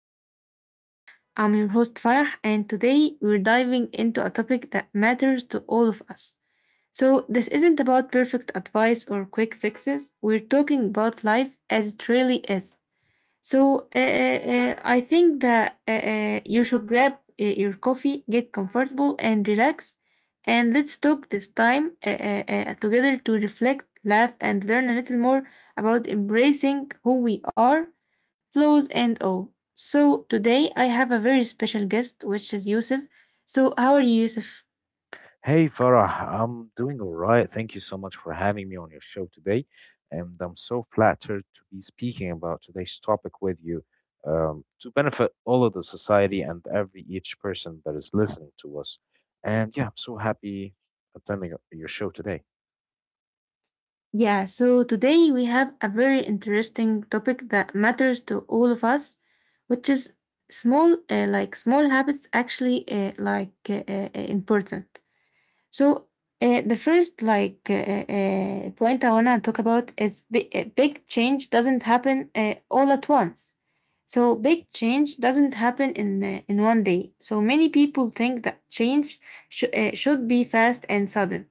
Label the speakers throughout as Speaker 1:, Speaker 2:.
Speaker 1: our podcast. I'm your host Farah, and today we're diving into a topic that matters to all of us. So, this isn't about perfect advice or quick fixes, we're talking about life as it really is so I think that you should grab your coffee, get comfortable and relax, and let's talk this time together to reflect, laugh, and learn a little more about embracing who we are, flaws and all. So today I have a very special guest, which is Yusuf. So how are you, Yusuf?
Speaker 2: Hey Farah, I'm doing all right. Thank you so much for having me on your show today. And I'm so flattered to be speaking about today's topic with you to benefit all of the society and every each person that is listening to us. And yeah, I'm so happy attending your show today.
Speaker 1: Yeah, so today we have a very interesting topic that matters to all of us, which is like small habits actually important. So the first like point I wanna talk about is big change doesn't happen all at once. So big change doesn't happen in 1 day. So many people think that change should be fast and sudden.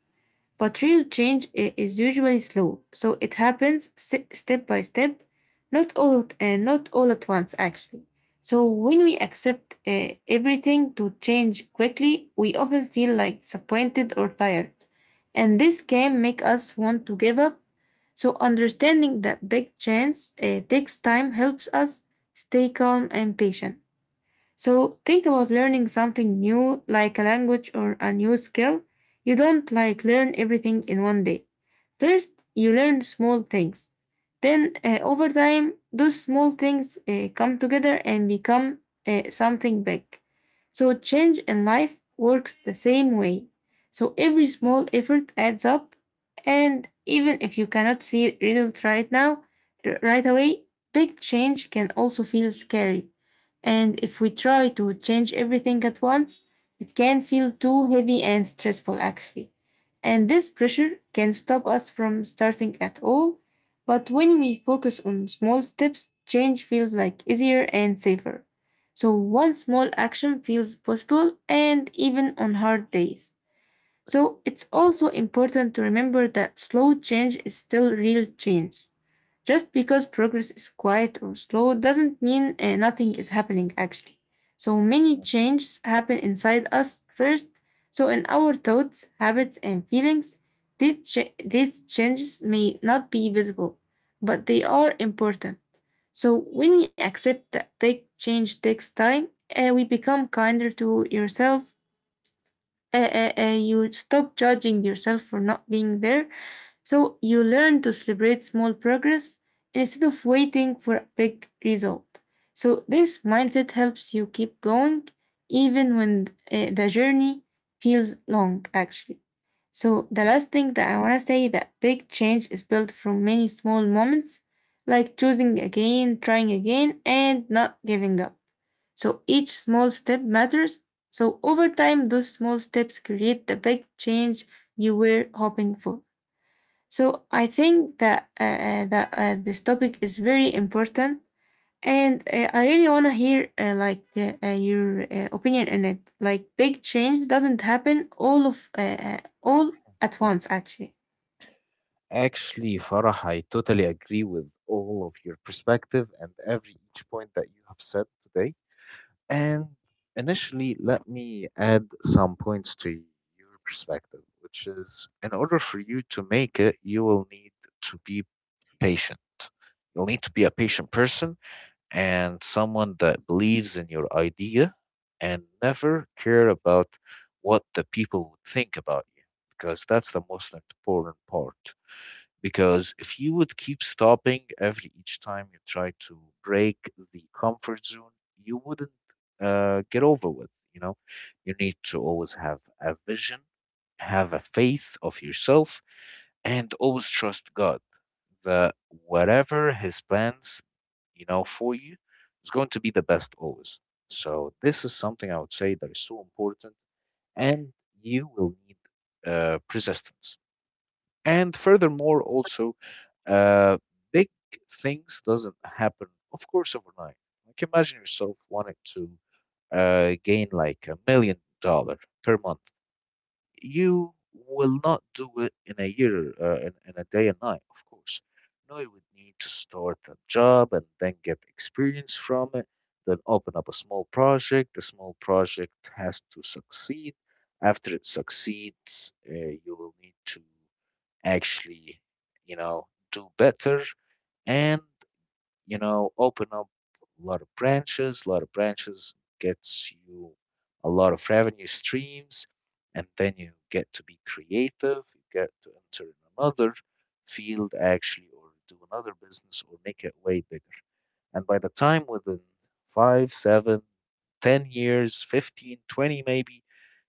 Speaker 1: But real change is usually slow, so it happens step by step, not all at once actually. So when we accept everything to change quickly, we often feel like disappointed or tired, and this can make us want to give up. So understanding that big change takes time helps us stay calm and patient. So think about learning something new, like a language or a new skill. You don't like learn everything in 1 day. First, you learn small things. Then, over time, those small things come together and become something big. So, change in life works the same way. So, every small effort adds up. And even if you cannot see it right now, right away, big change can also feel scary. And if we try to change everything at once, it can feel too heavy and stressful actually. And this pressure can stop us from starting at all. But when we focus on small steps, change feels like easier and safer. So one small action feels possible and even on hard days. So it's also important to remember that slow change is still real change. Just because progress is quiet or slow doesn't mean nothing is happening actually. So many changes happen inside us first. So in our thoughts, habits, and feelings, these, these changes may not be visible, but they are important. So when we accept that big change takes time, we become kinder to yourself. You stop judging yourself for not being there, so you learn to celebrate small progress instead of waiting for a big result. So this mindset helps you keep going even when the journey feels long, actually. So the
Speaker 2: Mm.
Speaker 1: last thing that I want to say that big change is built from many small moments, like choosing again, trying again, and not giving up. So each small step matters. So over time, those small steps create the big change you were hoping for. So I think that this topic is very important, and I really want to hear like your opinion in it. Like big change doesn't happen all at once, actually.
Speaker 2: Actually, Farah, I totally agree with all of your perspective and every each point that you have said today. And initially, let me add some points to your perspective, which is in order for you to make it, you will need to be patient. You'll need to be a patient person and someone that believes in your idea and never care about what the people would think about you, because that's the most important part because if you would keep stopping every each time you try to break the comfort zone, you wouldn't get over with. You know, you need to always have a vision, have a faith of yourself, and always trust God that whatever His plans, you know, for you is going to be the best always. So this is something I would say that is so important, and you will need persistence and furthermore also uh, big things doesn't happen of course overnight like imagine yourself wanting to gain like a million dollar per month. You will not do it in a year, in a day and night, of course. No, you would need to start a job and then get experience from it, then open up a small project. The small project has to succeed. After it succeeds, you will need to actually, you know, do better. And you know, open up a lot of branches. A lot of branches gets you a lot of revenue streams, and then you get to be creative. You get to enter in another field actually, or do another business, or make it way bigger. And by the time within five, seven, 10 years, 15, 20, maybe,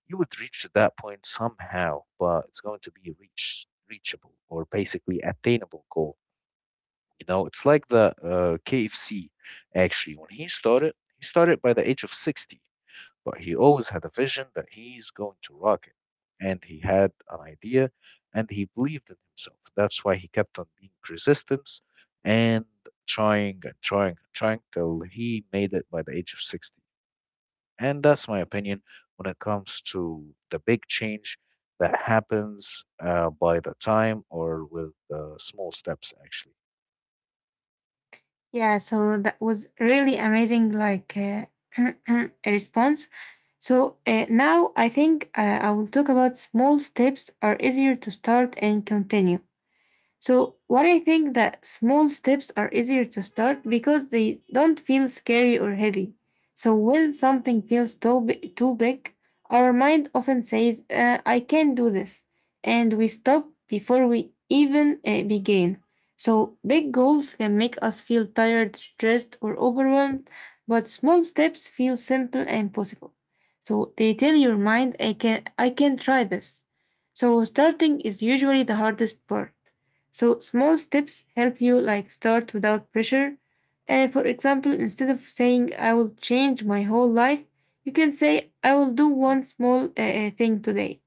Speaker 2: you would reach to that point somehow, but it's going to be a reachable or basically attainable goal. You know, it's like the KFC, actually. When he started by the age of 60, but he always had a vision that he's going to rock it. And he had an idea and he believed in himself. That's why he kept on being resistance and trying and trying and trying till he made it by the age of 60. And that's my opinion when it comes to the big change that happens by the time or with small steps, actually.
Speaker 1: Yeah. So that was really amazing, like response. So now I think I will talk about small steps are easier to start and continue. So, what I think that small steps are easier to start because they don't feel scary or heavy. So, when something feels too big, our mind often says, I can't do this. And we stop before we even begin. So, big goals can make us feel tired, stressed, or overwhelmed, but small steps feel simple and possible. So, they tell your mind, I can try this. So, starting is usually the hardest part, so small steps help you like start without pressure. And for example, instead of saying I will change my whole life, you can say I will do one small thing today,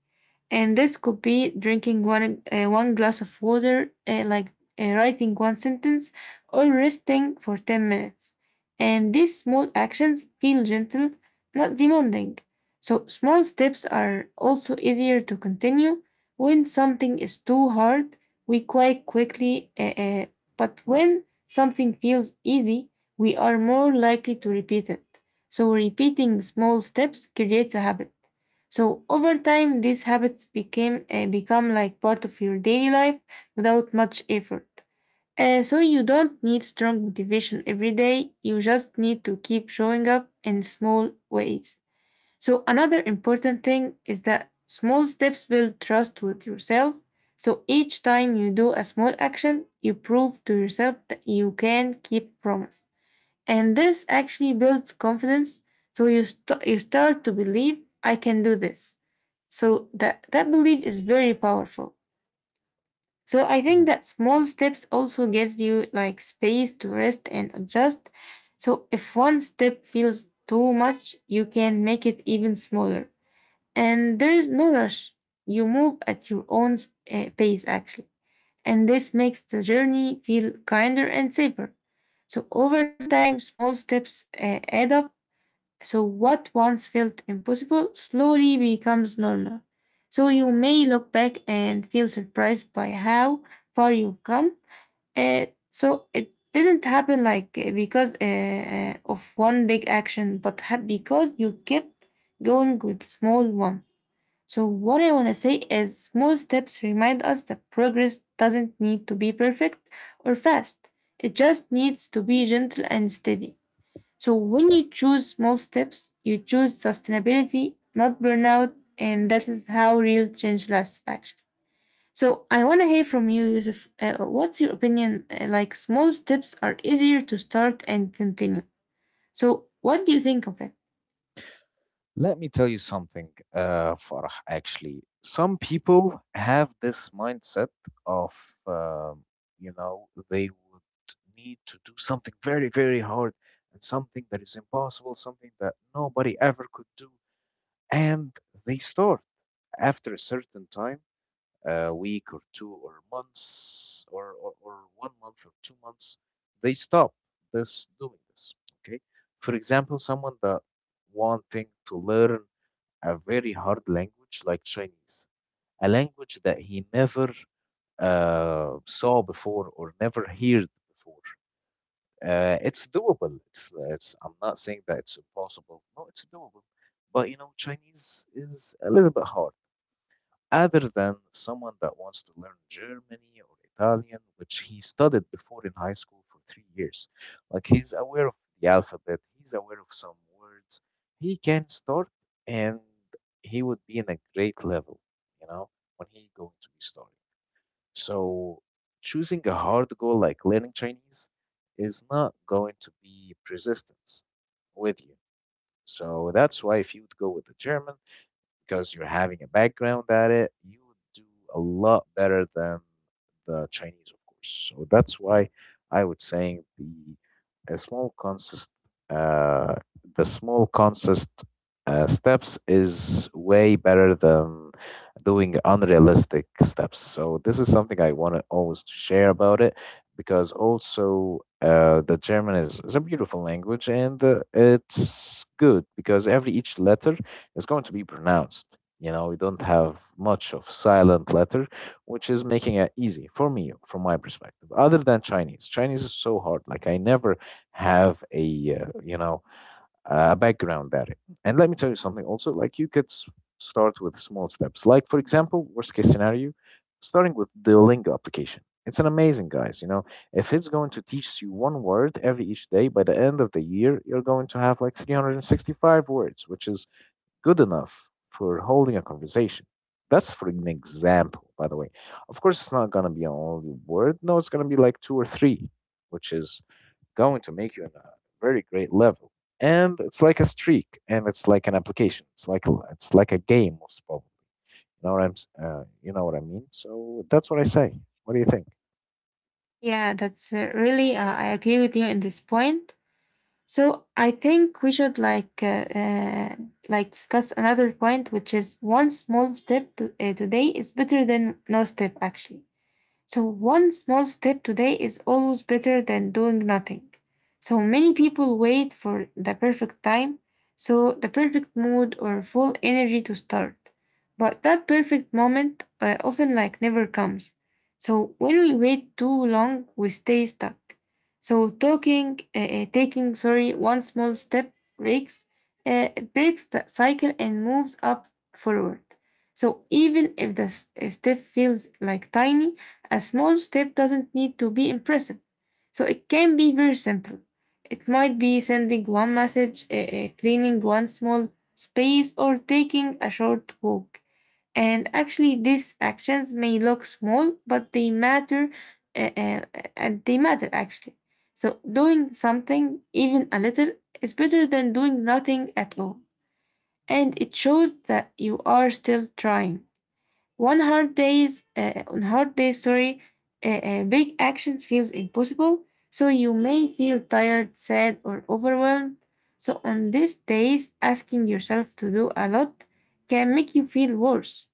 Speaker 1: and this could be drinking one glass of water, like writing one sentence, or resting for 10 minutes. And these small actions feel gentle, not demanding. So small steps are also easier to continue. When something is too hard, we quite quickly. But when something feels easy, we are more likely to repeat it. So repeating small steps creates a habit. So over time, these habits became become like part of your daily life without much effort. So you don't need strong motivation every day. You just need to keep showing up in small ways. So another important thing is that small steps build trust with yourself. So each time you do a small action, you prove to yourself that you can keep promise. And this actually builds confidence. So you start to believe I can do this. So that belief is very powerful. So I think that small steps also gives you like space to rest and adjust. So if one step feels too much, you can make it even smaller. And there is no rush. You move at your own pace actually. And this makes the journey feel kinder and safer. So over time, small steps add up, so what once felt impossible slowly becomes normal. So, you may look back and feel surprised by how far you've come. So, it didn't happen like because of one big action, but because you kept going with small ones. So, what I want to say is small steps remind us that progress doesn't need to be perfect or fast, it just needs to be gentle and steady. So when you choose small steps, you choose sustainability, not burnout, and that is how real change lasts actually. So I want to hear from you, Yusuf. What's your opinion? Like small steps are easier to start and continue. So what do you think of it?
Speaker 2: Let me tell you something, Farah, actually. Some people have this mindset of, um, you know, they would need to do something very, very hard and something that is impossible, something that nobody ever could do. And they start after a certain time, a week or two or months or 1 month or 2 months, they stop this doing this. Okay. For example, someone that wanting to learn a very hard language like Chinese, a language that he never saw before or never heard before. It's doable. It's I'm not saying that it's impossible. No, it's doable. But you know, Chinese is a little bit hard other than someone that wants to learn Germany or Italian, which he studied before in high school for 3 years. Like he's aware of the alphabet, he's aware of some words. He can start and he would be in a great level, you know, when he going to be starting. So choosing a hard goal like learning Chinese is not going to be persistence with you. So that's why if you would go with the German, because you're having a background at it, you would do a lot better than the Chinese, of course. So that's why I would saying the a small consist uh, the small consist steps is way better than doing unrealistic steps. So this is something I want to always to share about it because also the German is a beautiful language and it's good because every each letter is going to be pronounced. You know, we don't have much of silent letter, which is making it easy for me, from my perspective. Other than Chinese, Chinese is so hard. Like I never have a you know a background at it. And let me tell you something. Also, like you could start with small steps. Like for example, worst case scenario, starting with the Duolingo application. It's an amazing guys. You know, if it's going to teach you one word every each day, by the end of the year, you're going to have like 365 words, which is good enough for holding a conversation. That's for an example, by the way. Of course, it's not going to be an only word. No, it's going to be like two or three, which is going to make you in a very great level. And it's like a streak, and it's like an application. It's like a game, most probably. You know what I mean. So that's what I say. What do you think?
Speaker 1: Yeah, that's really. I agree with you in this point. So I think we should like discuss another point, which is one small step today is better than no step actually. So, one small step today is always better than doing nothing. So, many people wait for the perfect time, so the perfect mood or full energy to start. But that perfect moment often like never comes. So, when we wait too long, we stay stuck. So, taking, sorry, one small step breaks the cycle and moves up forward. So, even if the step feels like tiny, a small step doesn't need to be impressive, so it can be very simple. It might be sending one message, cleaning one small space, or taking a short walk. And actually, these actions may look small, but they matter, eh, eh, and they matter actually. So, doing something, even a little, is better than doing nothing at all. And it shows that you are still trying. On hard days, sorry, big actions feels impossible. So you may feel tired, sad, or overwhelmed. So on these days, asking yourself to do a lot can make you feel worse.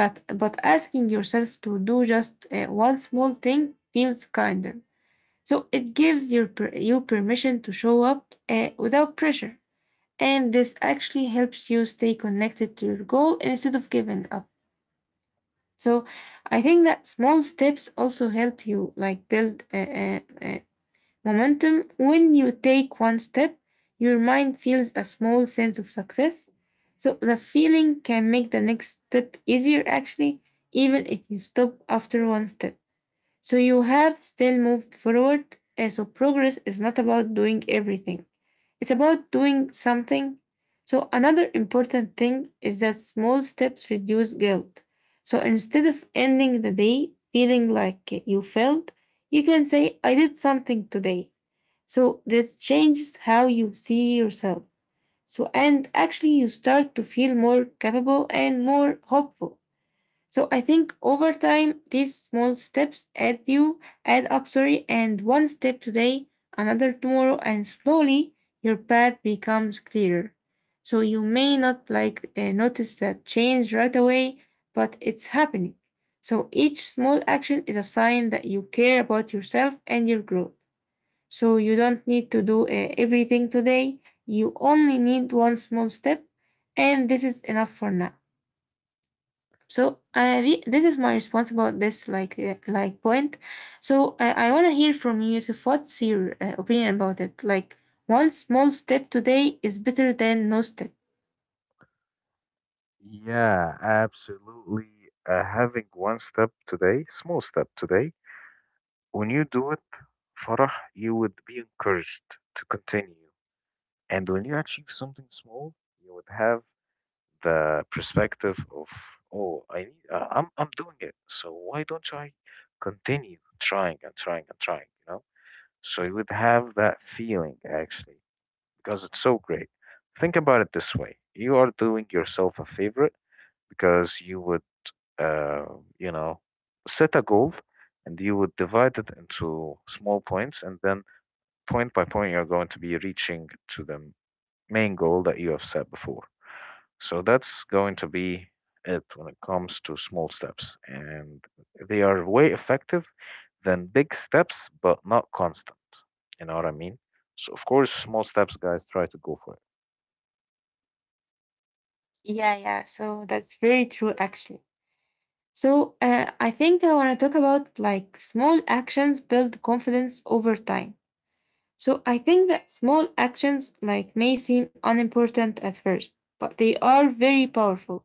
Speaker 1: But asking yourself to do just one small thing feels kinder. So it gives you permission to show up without pressure, and this actually helps you stay connected to your goal instead of giving up. So I think that small steps also help you like build a momentum. When you take one step, your mind feels a small sense of success. So the feeling can make the next step easier actually, even if you stop after one step. So you have still moved forward. So progress is not about doing everything. It's about doing something. So, another important thing is that small steps reduce guilt. So, instead of ending the day feeling like you failed, you can say, I did something today. So, this changes how you see yourself. So, and actually, you start to feel more capable and more hopeful. So I think over time these small steps add up sorry and one step today, another tomorrow, and slowly your path becomes clearer. So you may not like notice that change right away, but it's happening. So each small action is a sign that you care about yourself and your growth. So you don't need to do everything today. You only need one small step, and this is enough for now. So this is my response about this like point. So I want to hear from you. So what's your opinion about it? Like one small step today is better than no step.
Speaker 2: Yeah, absolutely. Having one step today, small step today, when you do it, Farah, you would be encouraged to continue. And when you achieve something small, you would have the perspective of, oh, I'm doing it. So why don't I continue trying and trying and trying, you know? So you would have that feeling actually, because it's so great. Think about it this way. You are doing yourself a favor because you would uh, you know, set a goal and you would divide it into small points, and then point by point, you're going to be reaching to the main goal that you have set before. So that's going to be it when it comes to small steps, and they are way effective than big steps, but not constant. You know what I mean? So, of course, small steps, guys, try to go for
Speaker 1: Yeah, yeah. So that's very true, actually. So I think I want to talk about like small actions build confidence over time. So I think that small actions like may seem unimportant at first, but they are very powerful.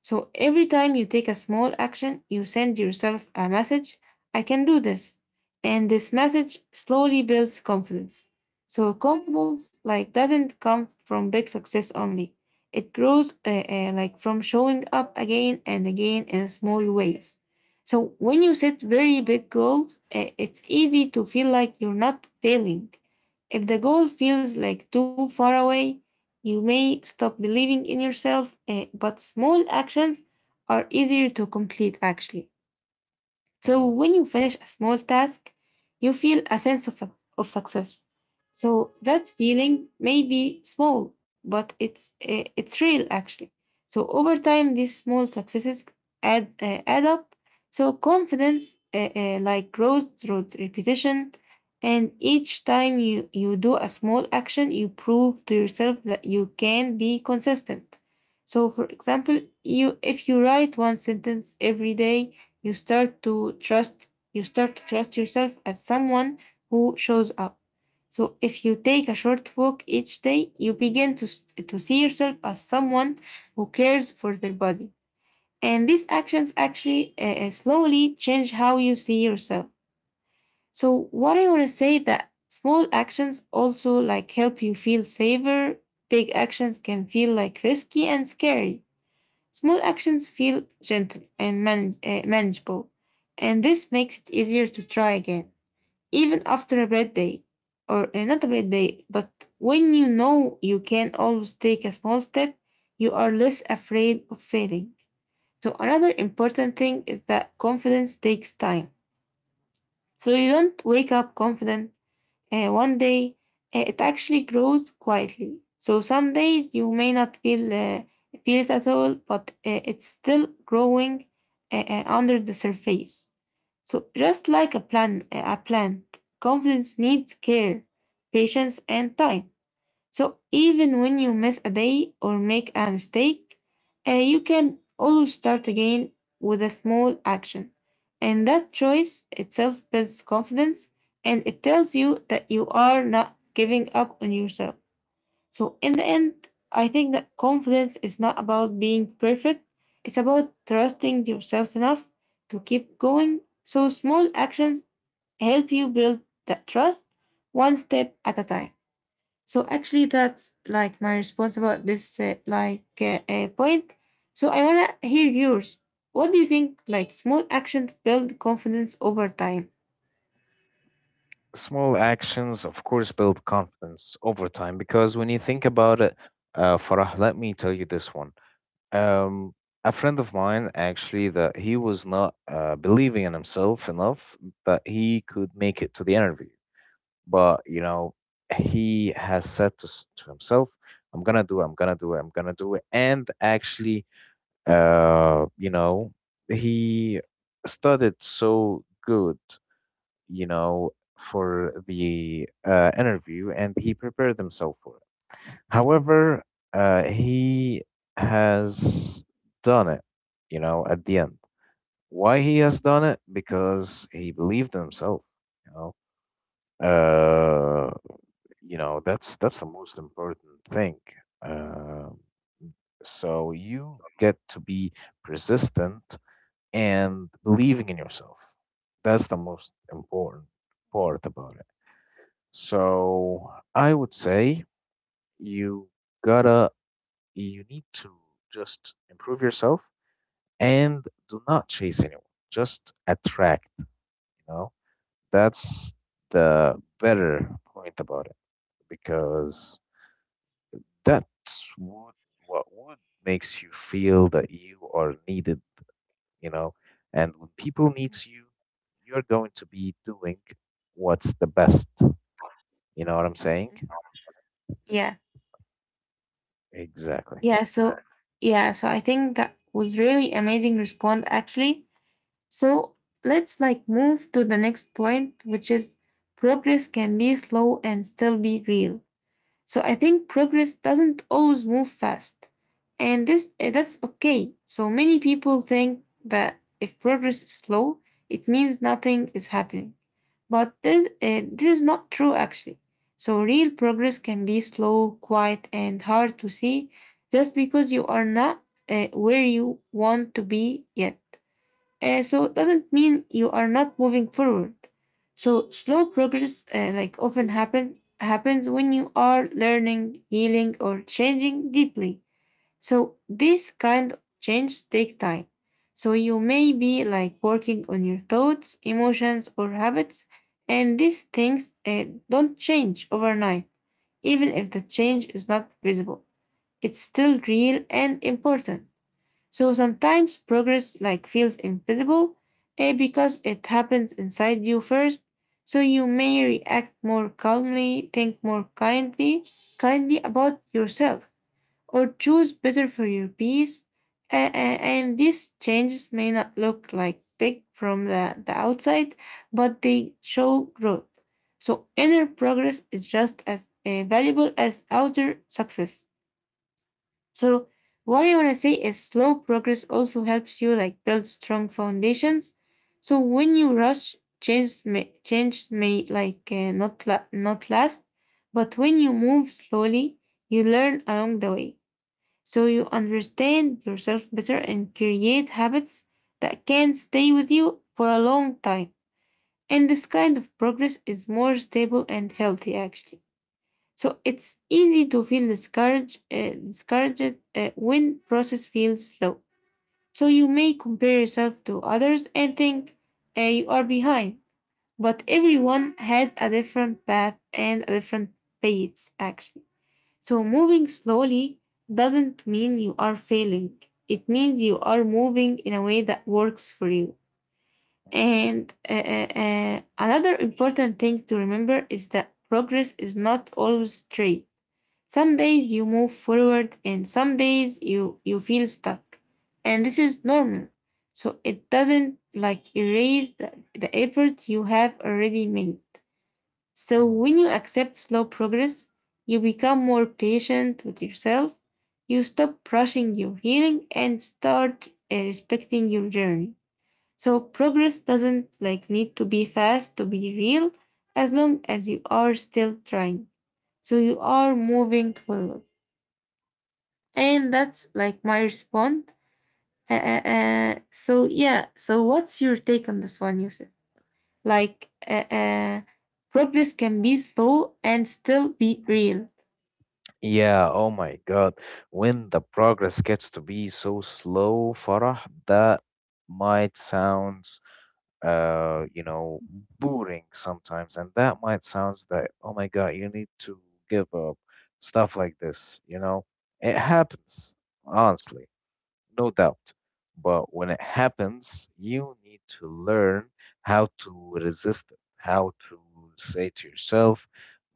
Speaker 1: So every time you take a small action, you send yourself a message, I can do this. And this message slowly builds confidence. So confidence like doesn't come from big success only. It grows like from showing up again and again in small ways. So when you set very big goals, it's easy to feel like you're not failing. If the goal feels like too far away, you may stop believing in yourself, but small actions are easier to complete actually.
Speaker 2: it.
Speaker 1: So
Speaker 2: Mhm.
Speaker 1: when you finish a small task, you feel a sense of success. So that feeling may be small, but it's real actually. So over time, these small successes add up. So confidence like grows through repetition, and each time you do a small action, you prove to yourself that you can be consistent. So for example, you if you write one sentence every day you start to trust you start to trust yourself as someone who shows up. So if you take a short walk each day, you begin to see yourself as someone who cares for their body. And these actions actually slowly change how you see yourself. So what I want to say that small actions also like help you feel safer. Big actions can feel like risky and scary. Small actions feel gentle and manageable, and this makes it easier to try again, even after a bad day. Or not a bad day, but when you know you can always take a small step, you are less afraid of failing. So, another important thing is that confidence takes time. So, you don't wake up confident one day, it actually grows quietly. So some days you may not feel it at all, but it's still growing under the surface. So just like a plant, confidence needs care, patience, and time. So even when you miss a day or make a mistake, you can always start again with a small action. And that choice itself builds confidence and it tells you that you are not giving up on yourself. So in the end, I think that confidence is not about being perfect. It's about trusting yourself enough to keep going. So small actions help you build that trust one step at a time. So actually, that's like my response about this like point. So I wanna hear yours. What do you think? Like small actions build confidence over time.
Speaker 2: Small actions, of course, build confidence over time because when you think about it, Farah, let me tell you this one. Um, a friend of mine actually that he was not believing in himself enough that he could make it to the interview, but you know he has said to, to himself, "I'm gonna do it. I'm gonna do it. I'm gonna do it." And actually, you know, he studied so good, you know, for the interview, and he prepared himself for it. However, he has done it, you know, at the end. Why he has done it? Because he believed in himself, you know. Uh, you know, that's the most important thing. Um, so you get to be persistent and believing in yourself. That's the most important part about it. So I would say you gotta, you need to just improve yourself and do not chase anyone. Just attract, you know? That's the better point about it because that's what, what would makes you feel that you are needed, you know? And when people needs you, you're going to be doing what's the best. You know what I'm saying?
Speaker 1: Yeah,
Speaker 2: Exactly.
Speaker 1: yeah. So yeah, so I think that was really amazing response actually. So let's like move to the next point, which is progress can be slow and still be real. So I think progress doesn't always move fast, and this that's okay. So many people think that if progress is slow, it means nothing is happening. But this is not true actually. So real progress can be slow, quiet, and hard to see just because you are not where you want to be yet. So it doesn't mean you are not moving forward. So slow progress, like happens when you are learning, healing, or changing deeply. So this kind of change take time. So you may be like working on your thoughts, emotions, or habits, and these things don't change overnight. Even if the change is not visible, it's still real and important. So sometimes progress like feels invisible because it happens inside you first. So you may react more calmly, kindly about yourself, or choose better for your peace. And these changes may not look like big from the outside, but they show growth. So inner progress is just as valuable as outer success. So what I wanna say is slow progress also helps you like build strong foundations. So when you rush, change may like not last, but when you move slowly, you learn along the way. So you understand yourself better and create habits that can stay with you for a long time. And this kind of progress is more stable and healthy actually. So it's easy to feel discouraged when process feels slow. So you may compare yourself to others and think you are behind, but everyone has a different path and a different pace actually. So moving slowly doesn't mean you are failing. It means you are moving in a way that works for you. And another important thing to remember is that progress is not always straight. Some days you move forward and some days you feel stuck. And this is normal. So it doesn't like erase the effort you have already made. So
Speaker 2: Mm.
Speaker 1: when you accept slow progress, you become more patient with yourself. You stop rushing your healing and start respecting your journey. So progress doesn't like need to be fast to be real as long as you are still trying. So you are moving forward. And that's like my response. So yeah, so what's your take on this one, Yusuf? Like, progress can be slow and still be real.
Speaker 2: Yeah, oh my God. When the progress gets to be so slow, Farah, that might sound, you know, boring sometimes, and that might sound that, oh my God, you need to give up, stuff like this, you know. It happens, honestly no doubt. But when it happens, you need to learn how to resist it, how to say to yourself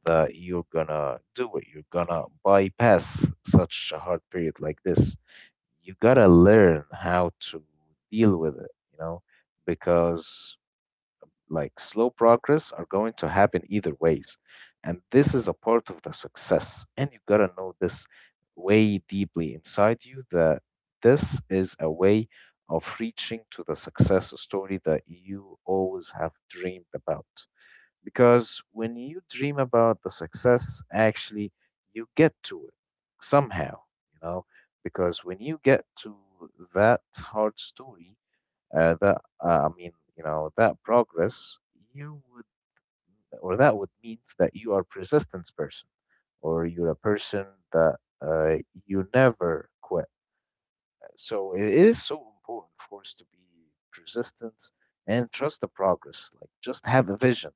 Speaker 2: that you're gonna do it, you're gonna bypass such a hard period like this. You gotta learn how to deal with it, you know, because like slow progress are going to happen either ways and this is a part of the success and you gotta know this way deeply inside you that this is a way of reaching to the success story that you always have dreamed about because when you dream about the success actually you get to it somehow you know because when you get to that hard story that I mean, you know, that progress you would, or that would means that you are persistence person, or you're a person that uh, you never quit. So it is so important, of course, to be persistent and trust the progress. Like just have a vision.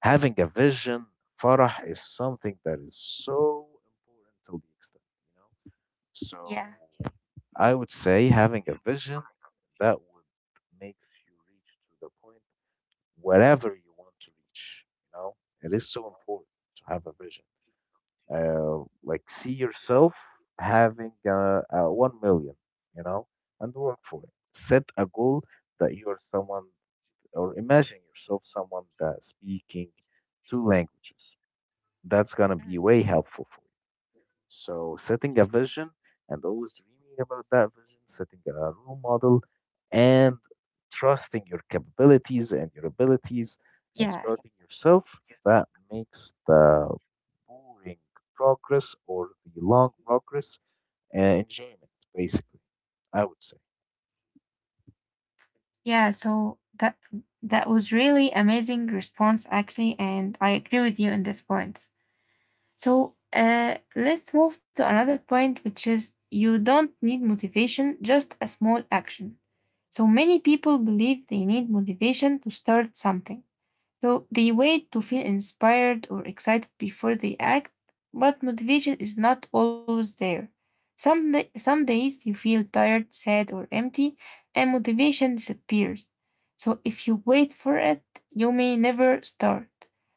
Speaker 2: Having a vision, farah, is something that is so important to the extent, you know. So
Speaker 1: Yeah.
Speaker 2: I would say having a vision that would makes you reach to the point wherever you want to reach. You know, it is so important to have a vision. Like see yourself having 1 million, you know, and work for it. Set a goal that you are someone, or imagine yourself someone that speaking two languages. That's gonna
Speaker 1: Mm.
Speaker 2: be way helpful for you. So setting a vision and always dreaming about that vision, setting a role model and trusting your
Speaker 1: Yeah.
Speaker 2: capabilities and your abilities and starting yourself, that makes the boring progress or the long progress enjoyment, basically, I would say.
Speaker 1: Yeah. So that that was really amazing response actually, and I agree with you in this point. So let's move to another point, which is you don't need motivation, just a small action. So many people believe they need motivation to start something. So they wait to feel inspired or excited before they act, but motivation is not always there. Some, some days you feel tired, sad, or empty, and motivation disappears. So if you wait for it, you may never start.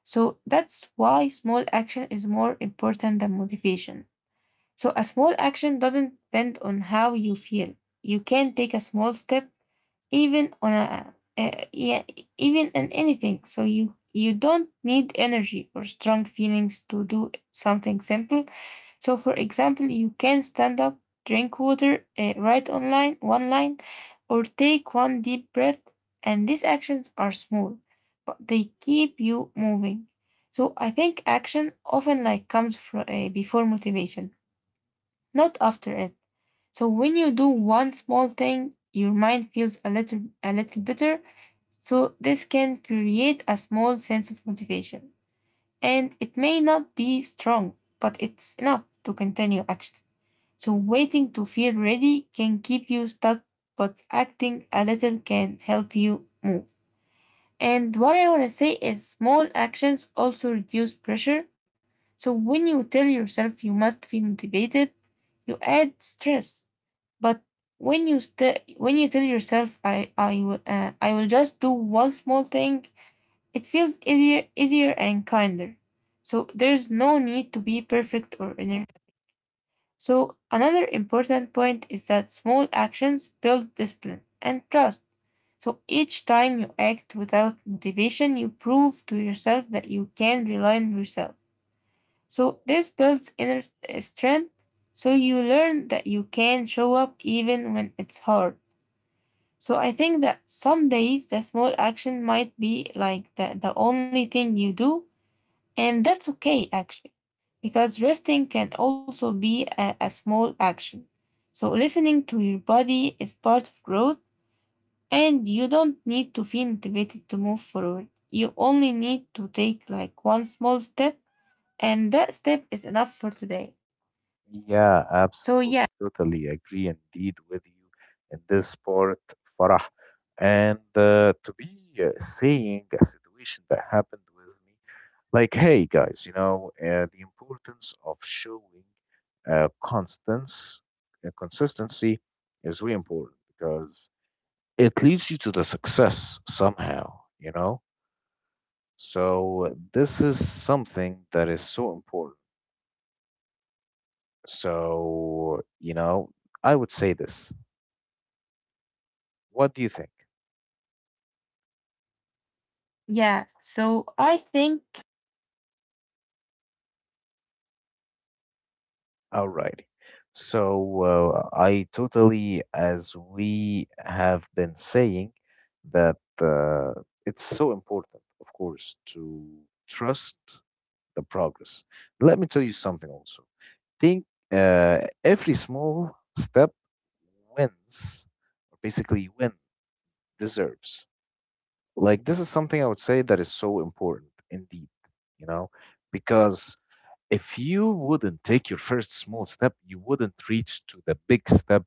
Speaker 1: So that's why small action is more important than motivation. So a small action doesn't depend on how you feel. You can take a small step even on a even in anything. So you don't need energy or strong feelings to do something simple. So for example, you can stand up, drink water, write online one line, or take one deep breath. And these actions are small, but they keep you moving. So I think action often like comes before motivation not after it. So when you do one small thing, your mind feels a little better. So this can create a small sense of motivation. And it may not be strong, but it's enough to continue action. So waiting to feel ready can keep you stuck, but acting a little can help you move. And what I want to say is small actions also reduce pressure. So when you tell yourself you must feel motivated, you add stress. But when you tell yourself, I will just do one small thing, it feels easier and kinder. So there's no need to be perfect or energetic. So another important point is that small actions build discipline and trust. So each time you act without motivation, you prove to yourself that you can rely on yourself. So this builds inner strength. So you learn that you can show up even when it's hard. So I think that some days the small action might be like the only thing you do, and that's okay actually, because resting can also be a small action. So listening to your body is part of growth, and you don't need to feel motivated to move forward. You only need to take like one small step, and that step is enough for today. So
Speaker 2: Yeah, absolutely. Totally agree indeed with you in this part, Farah. And to be saying a situation that
Speaker 1: yeah, yeah,
Speaker 2: happened with me, like, hey guys, you know, the importance of showing uh, constance, consistency is really important because it leads you to the success somehow, you know? So this is something that is so important. So, you know, I would say this. What do you think?
Speaker 1: yeah. So I think,
Speaker 2: Alrighty. So, I totally, as we have been saying, that it's so important, of course, to trust the progress. Let me tell you something also. Think every small step wins, or basically win deserves. Like this is something I would say that is so important indeed, you know, because if you wouldn't take your first small step, you wouldn't reach to the big step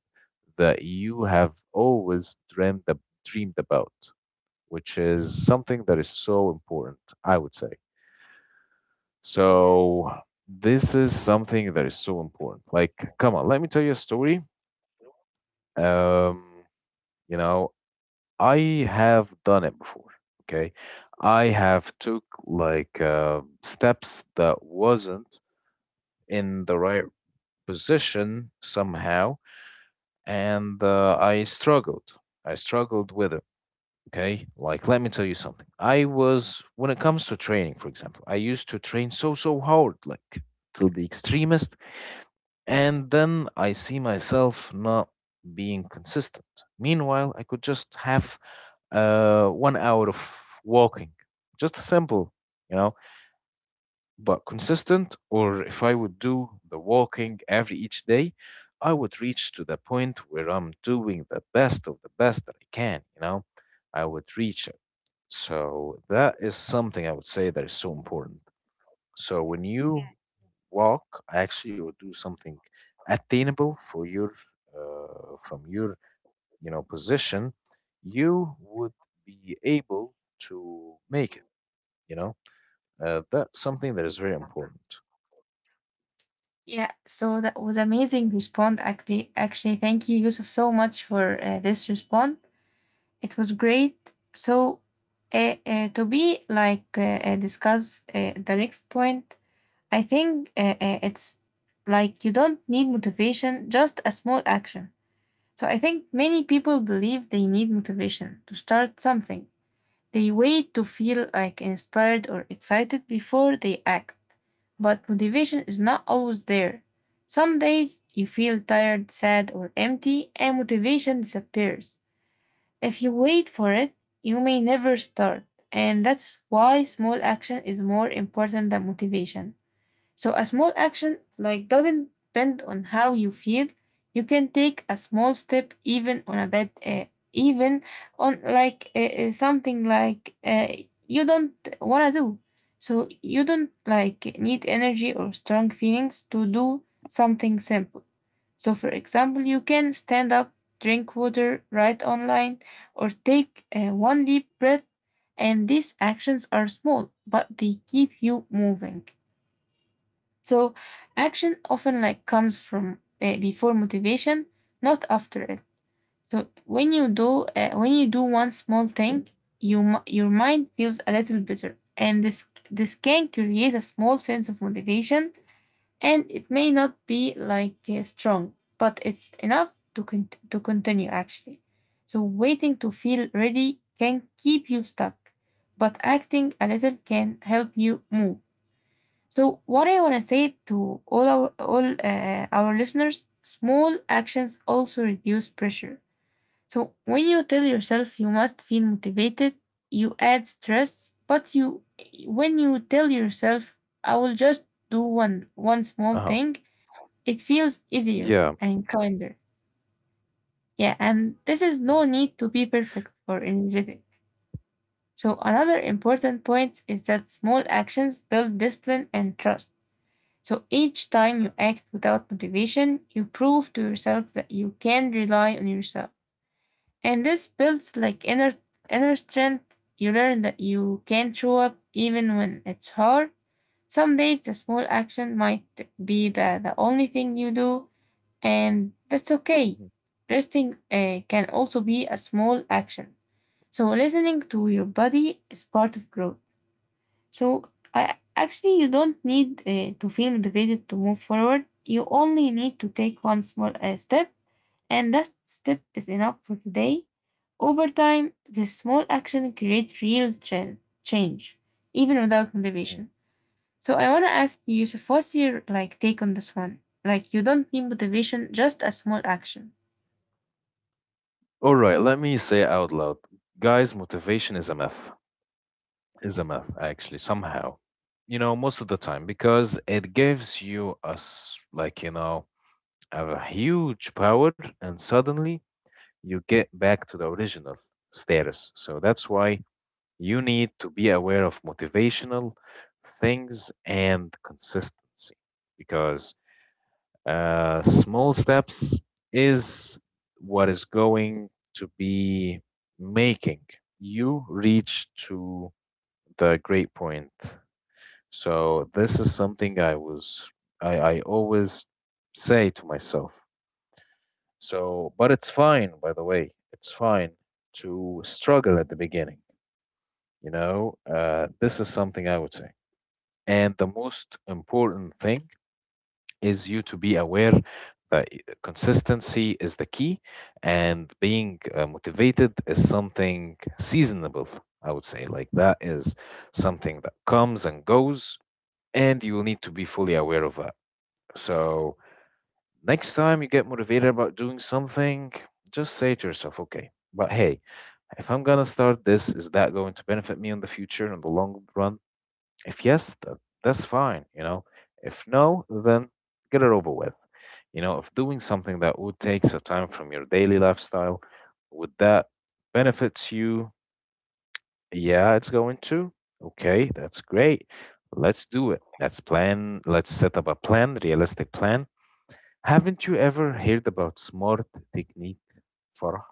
Speaker 2: that you have always dreamed about, which is something that is so important, I would say.
Speaker 1: yeah.
Speaker 2: So this is something that is so important. Like, come on, let me tell you a story. Um, you know, I have done it before. Okay. I have took like steps that wasn't in the right position somehow, and I struggled with it. Okay. Like, let me tell you something. I was, when it comes to training, for example, I used to train so, so hard, like till the extremist, and then I see myself not being consistent. Meanwhile, I could just have 1 hour of walking. Just simple, you know, but consistent. Or if I would do the walking every each day, I would reach to the point where I'm doing the best of the best that I can, you know, I would reach it. So that is something I would say that is so important. So when you
Speaker 1: yeah.
Speaker 2: walk, actually, or do something attainable for your from your you know position you would be able to make it, you know. That's something that is very important.
Speaker 1: Yeah, so that was amazing response actually. Actually, thank you, Yusuf, so much for this response. It was great. So, to be like discuss the next point, I think it's like you don't need motivation, just a small action. So I think many people believe they need motivation to start something, they wait to feel like inspired or excited before they act. But motivation is not always there. Some days you feel tired, sad, or empty, and motivation disappears. If you wait for it, you may never start. And that's why small action is more important than motivation. So a small action like doesn't depend on how you feel. You can take a small step even on a bad even on like something like you don't want to do. So you don't like need energy or strong feelings to do something simple. So for example, you can stand up, drink water, write online, or take one deep breath. And these actions are small, but they keep you moving. So action often like comes from before motivation, not after it. So when you do one small thing, your mind feels a little better, and this can create a small sense of motivation, and it may not be like strong, but it's enough to continue actually. So waiting to feel ready can keep you stuck, but acting a little can help you move. So what I want to say to all our listeners, small actions also reduce pressure. So when you tell yourself you must feel motivated, you add stress, but you when you tell
Speaker 2: Uh-huh.
Speaker 1: yourself I will just do one
Speaker 2: Yeah.
Speaker 1: small thing, it feels easier and kinder. Yeah, and this is no need to be perfect or energetic. So another important point is that small actions build discipline and trust. So each time you act without motivation, you prove to yourself that you can rely on yourself. And this builds like inner strength. You learn that you can show up even when it's hard. Some days the small action might be the only thing you do, and that's
Speaker 2: Mhm.
Speaker 1: okay. Resting can also be a small action. So listening to your body is part of growth. So I, actually, you don't need to feel motivated to move forward. You only need to take one small step, and that step is enough for today. Over time, this small action creates change, even without
Speaker 2: mhm,
Speaker 1: motivation. So I want to ask you, Yusuf, what's your like take on this one? Like, you don't need motivation, just a small action.
Speaker 2: All right, let me say it out loud. Guys, motivation is a myth. Is a myth, actually, somehow. You know, most of the time, because it gives you a, like, you know, a huge power, and suddenly you get back to the original status. So that's why you need to be aware of motivational things and consistency, because small steps is what is going to be making you reach to the great point. So this is something I always say to myself. So but it's fine by the way. It's fine to struggle at the beginning. You know, this is something I would say. And the most important thing is you to be aware that consistency is the key and being motivated is something seasonable, I would say, like that is something that comes and goes, and you will need to be fully aware of that. So next time you get motivated about doing something, just say to yourself, okay, but hey, if I'm going to start, this is that going to benefit me in the future in the long run? If yes, that's fine, you know. If no, then get it over with. You know, if doing something that would take some time from your daily lifestyle, would that benefits you? Yeah, it's going to. Okay, that's great. Let's do it. Let's plan. Let's set up a plan, realistic plan. Haven't you ever heard about SMART technique, Farah?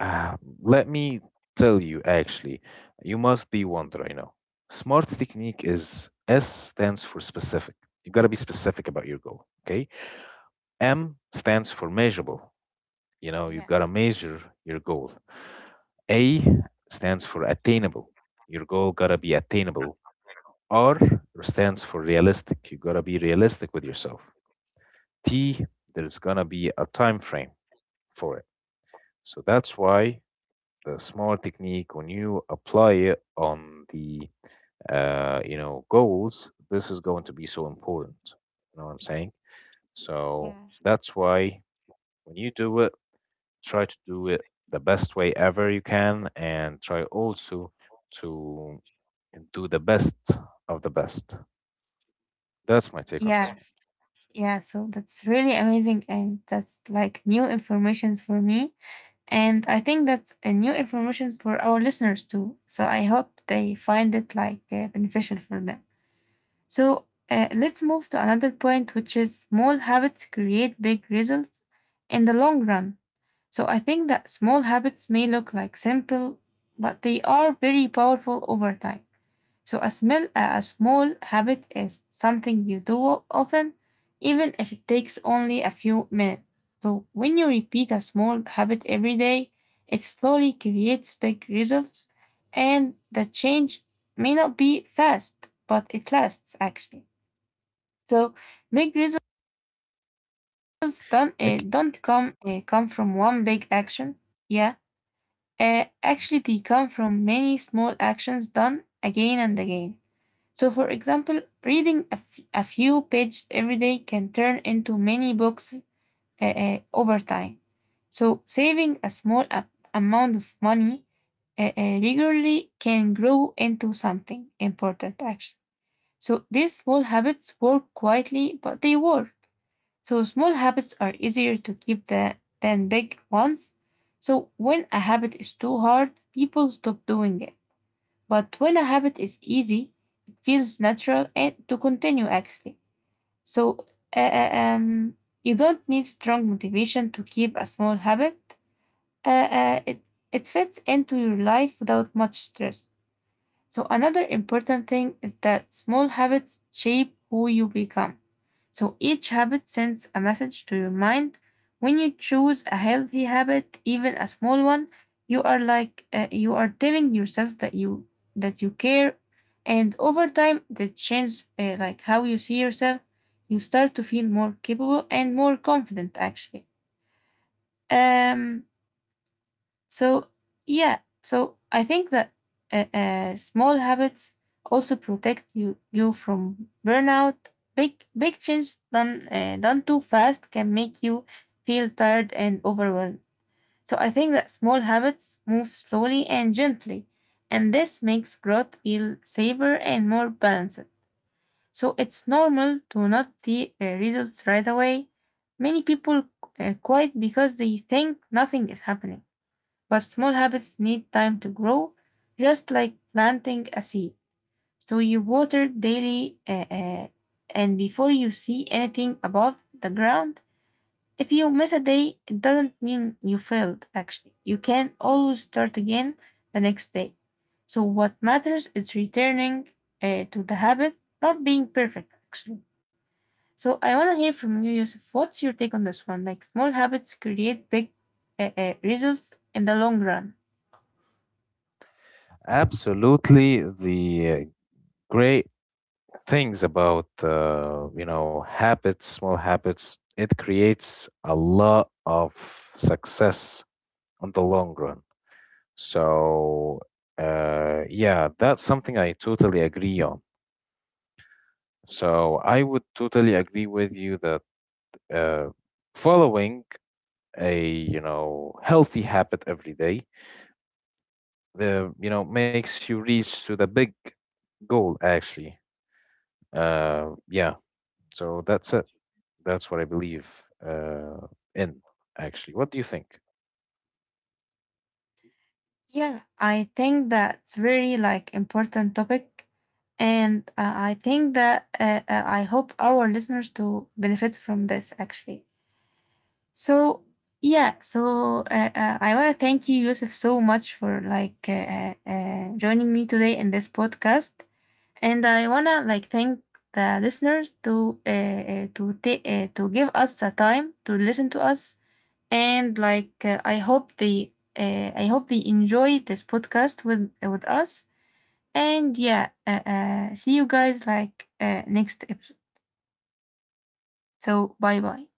Speaker 2: Ah, let me tell you, actually, you must be wondering now. SMART technique is S stands for specific. You gotta be specific about your goal, okay? M stands for measurable. You know, you
Speaker 1: Yeah.
Speaker 2: gotta measure your goal. A stands for attainable. Your goal gotta be attainable. R stands for realistic. You gotta be realistic with yourself. T, there's gonna be a time frame for it. So that's why the smart technique, when you apply it on the you know goals, this is going to be so important. You know what I'm saying? So
Speaker 1: Yeah.
Speaker 2: that's why when you do it, try to do it the best way ever you can, and try also to do the best of the best. That's my take on this
Speaker 1: Yeah,
Speaker 2: one,
Speaker 1: yeah. So that's really amazing, and that's like new informations for me. And I think that's a new information for our listeners too. So I hope they find it like beneficial for them. So let's move to another point, which is small habits create big results in the long run. So I think that small habits may look like simple, but they are very powerful over time. So a small habit is something you do often, even if it takes only a few minutes. So when you repeat a small habit every day, it slowly creates big results, and the change may not be fast, but it lasts actually. So big results don't uh,
Speaker 2: Nick.
Speaker 1: don't come uh, come from one big action. Yeah, actually they come from many small actions done again and again. So, for example, reading a few pages every day can turn into many books over time. So, saving a small amount of money regularly can grow into something important, actually. So, these small habits work quietly, but they work. So, small habits are easier to keep than big ones. So, when a habit is too hard, people stop doing it. But when a habit is easy, it feels natural and to continue actually. So uh, uh, um, you don't need strong motivation to keep a small habit. Uh, uh, it, it fits into your life without much stress. So, another important thing is that small habits shape who you become. So, each habit sends a message to your mind. When you choose a healthy habit, even a small one, you are telling yourself that you care, and over time that changes like how you see yourself. You start to feel more capable and more confident actually. um so, yeah, so I think that small habits also protect you from burnout. Big change done too fast can make you feel tired and overwhelmed. So I think that small habits move slowly and gently, and this makes growth feel safer and more balanced. So it's normal to not see results right away. Many people quit because they think nothing is happening. But small habits need time to grow, just like planting a seed. So you water daily, uh, and before you see anything above the ground, if you miss a day, it doesn't mean you failed, actually. You can always start again the next day. So what matters is returning to the habit, not being perfect, actually. So I want to hear from you, Yusuf. What's your take on this one? Like small habits create big results in the long run.
Speaker 2: Absolutely, the great things about you know habits, small habits, it creates a lot of success on the long run. So yeah, that's something I totally agree on. So I would totally agree with you that uh, following a you know healthy habit every day, the you know makes you reach to the big goal actually. Yeah, so that's it. That's what I believe in, actually. What do you think?
Speaker 1: Yeah, I think that's very like important topic, and I think that I hope our listeners to benefit from this actually. So yeah, so I want to thank you, Yusuf, so much for like joining me today in this podcast, and I wanna like thank the listeners to to give us the time to listen to us, and like I hope they enjoy this podcast with us. And yeah, see you guys like next episode. So bye bye.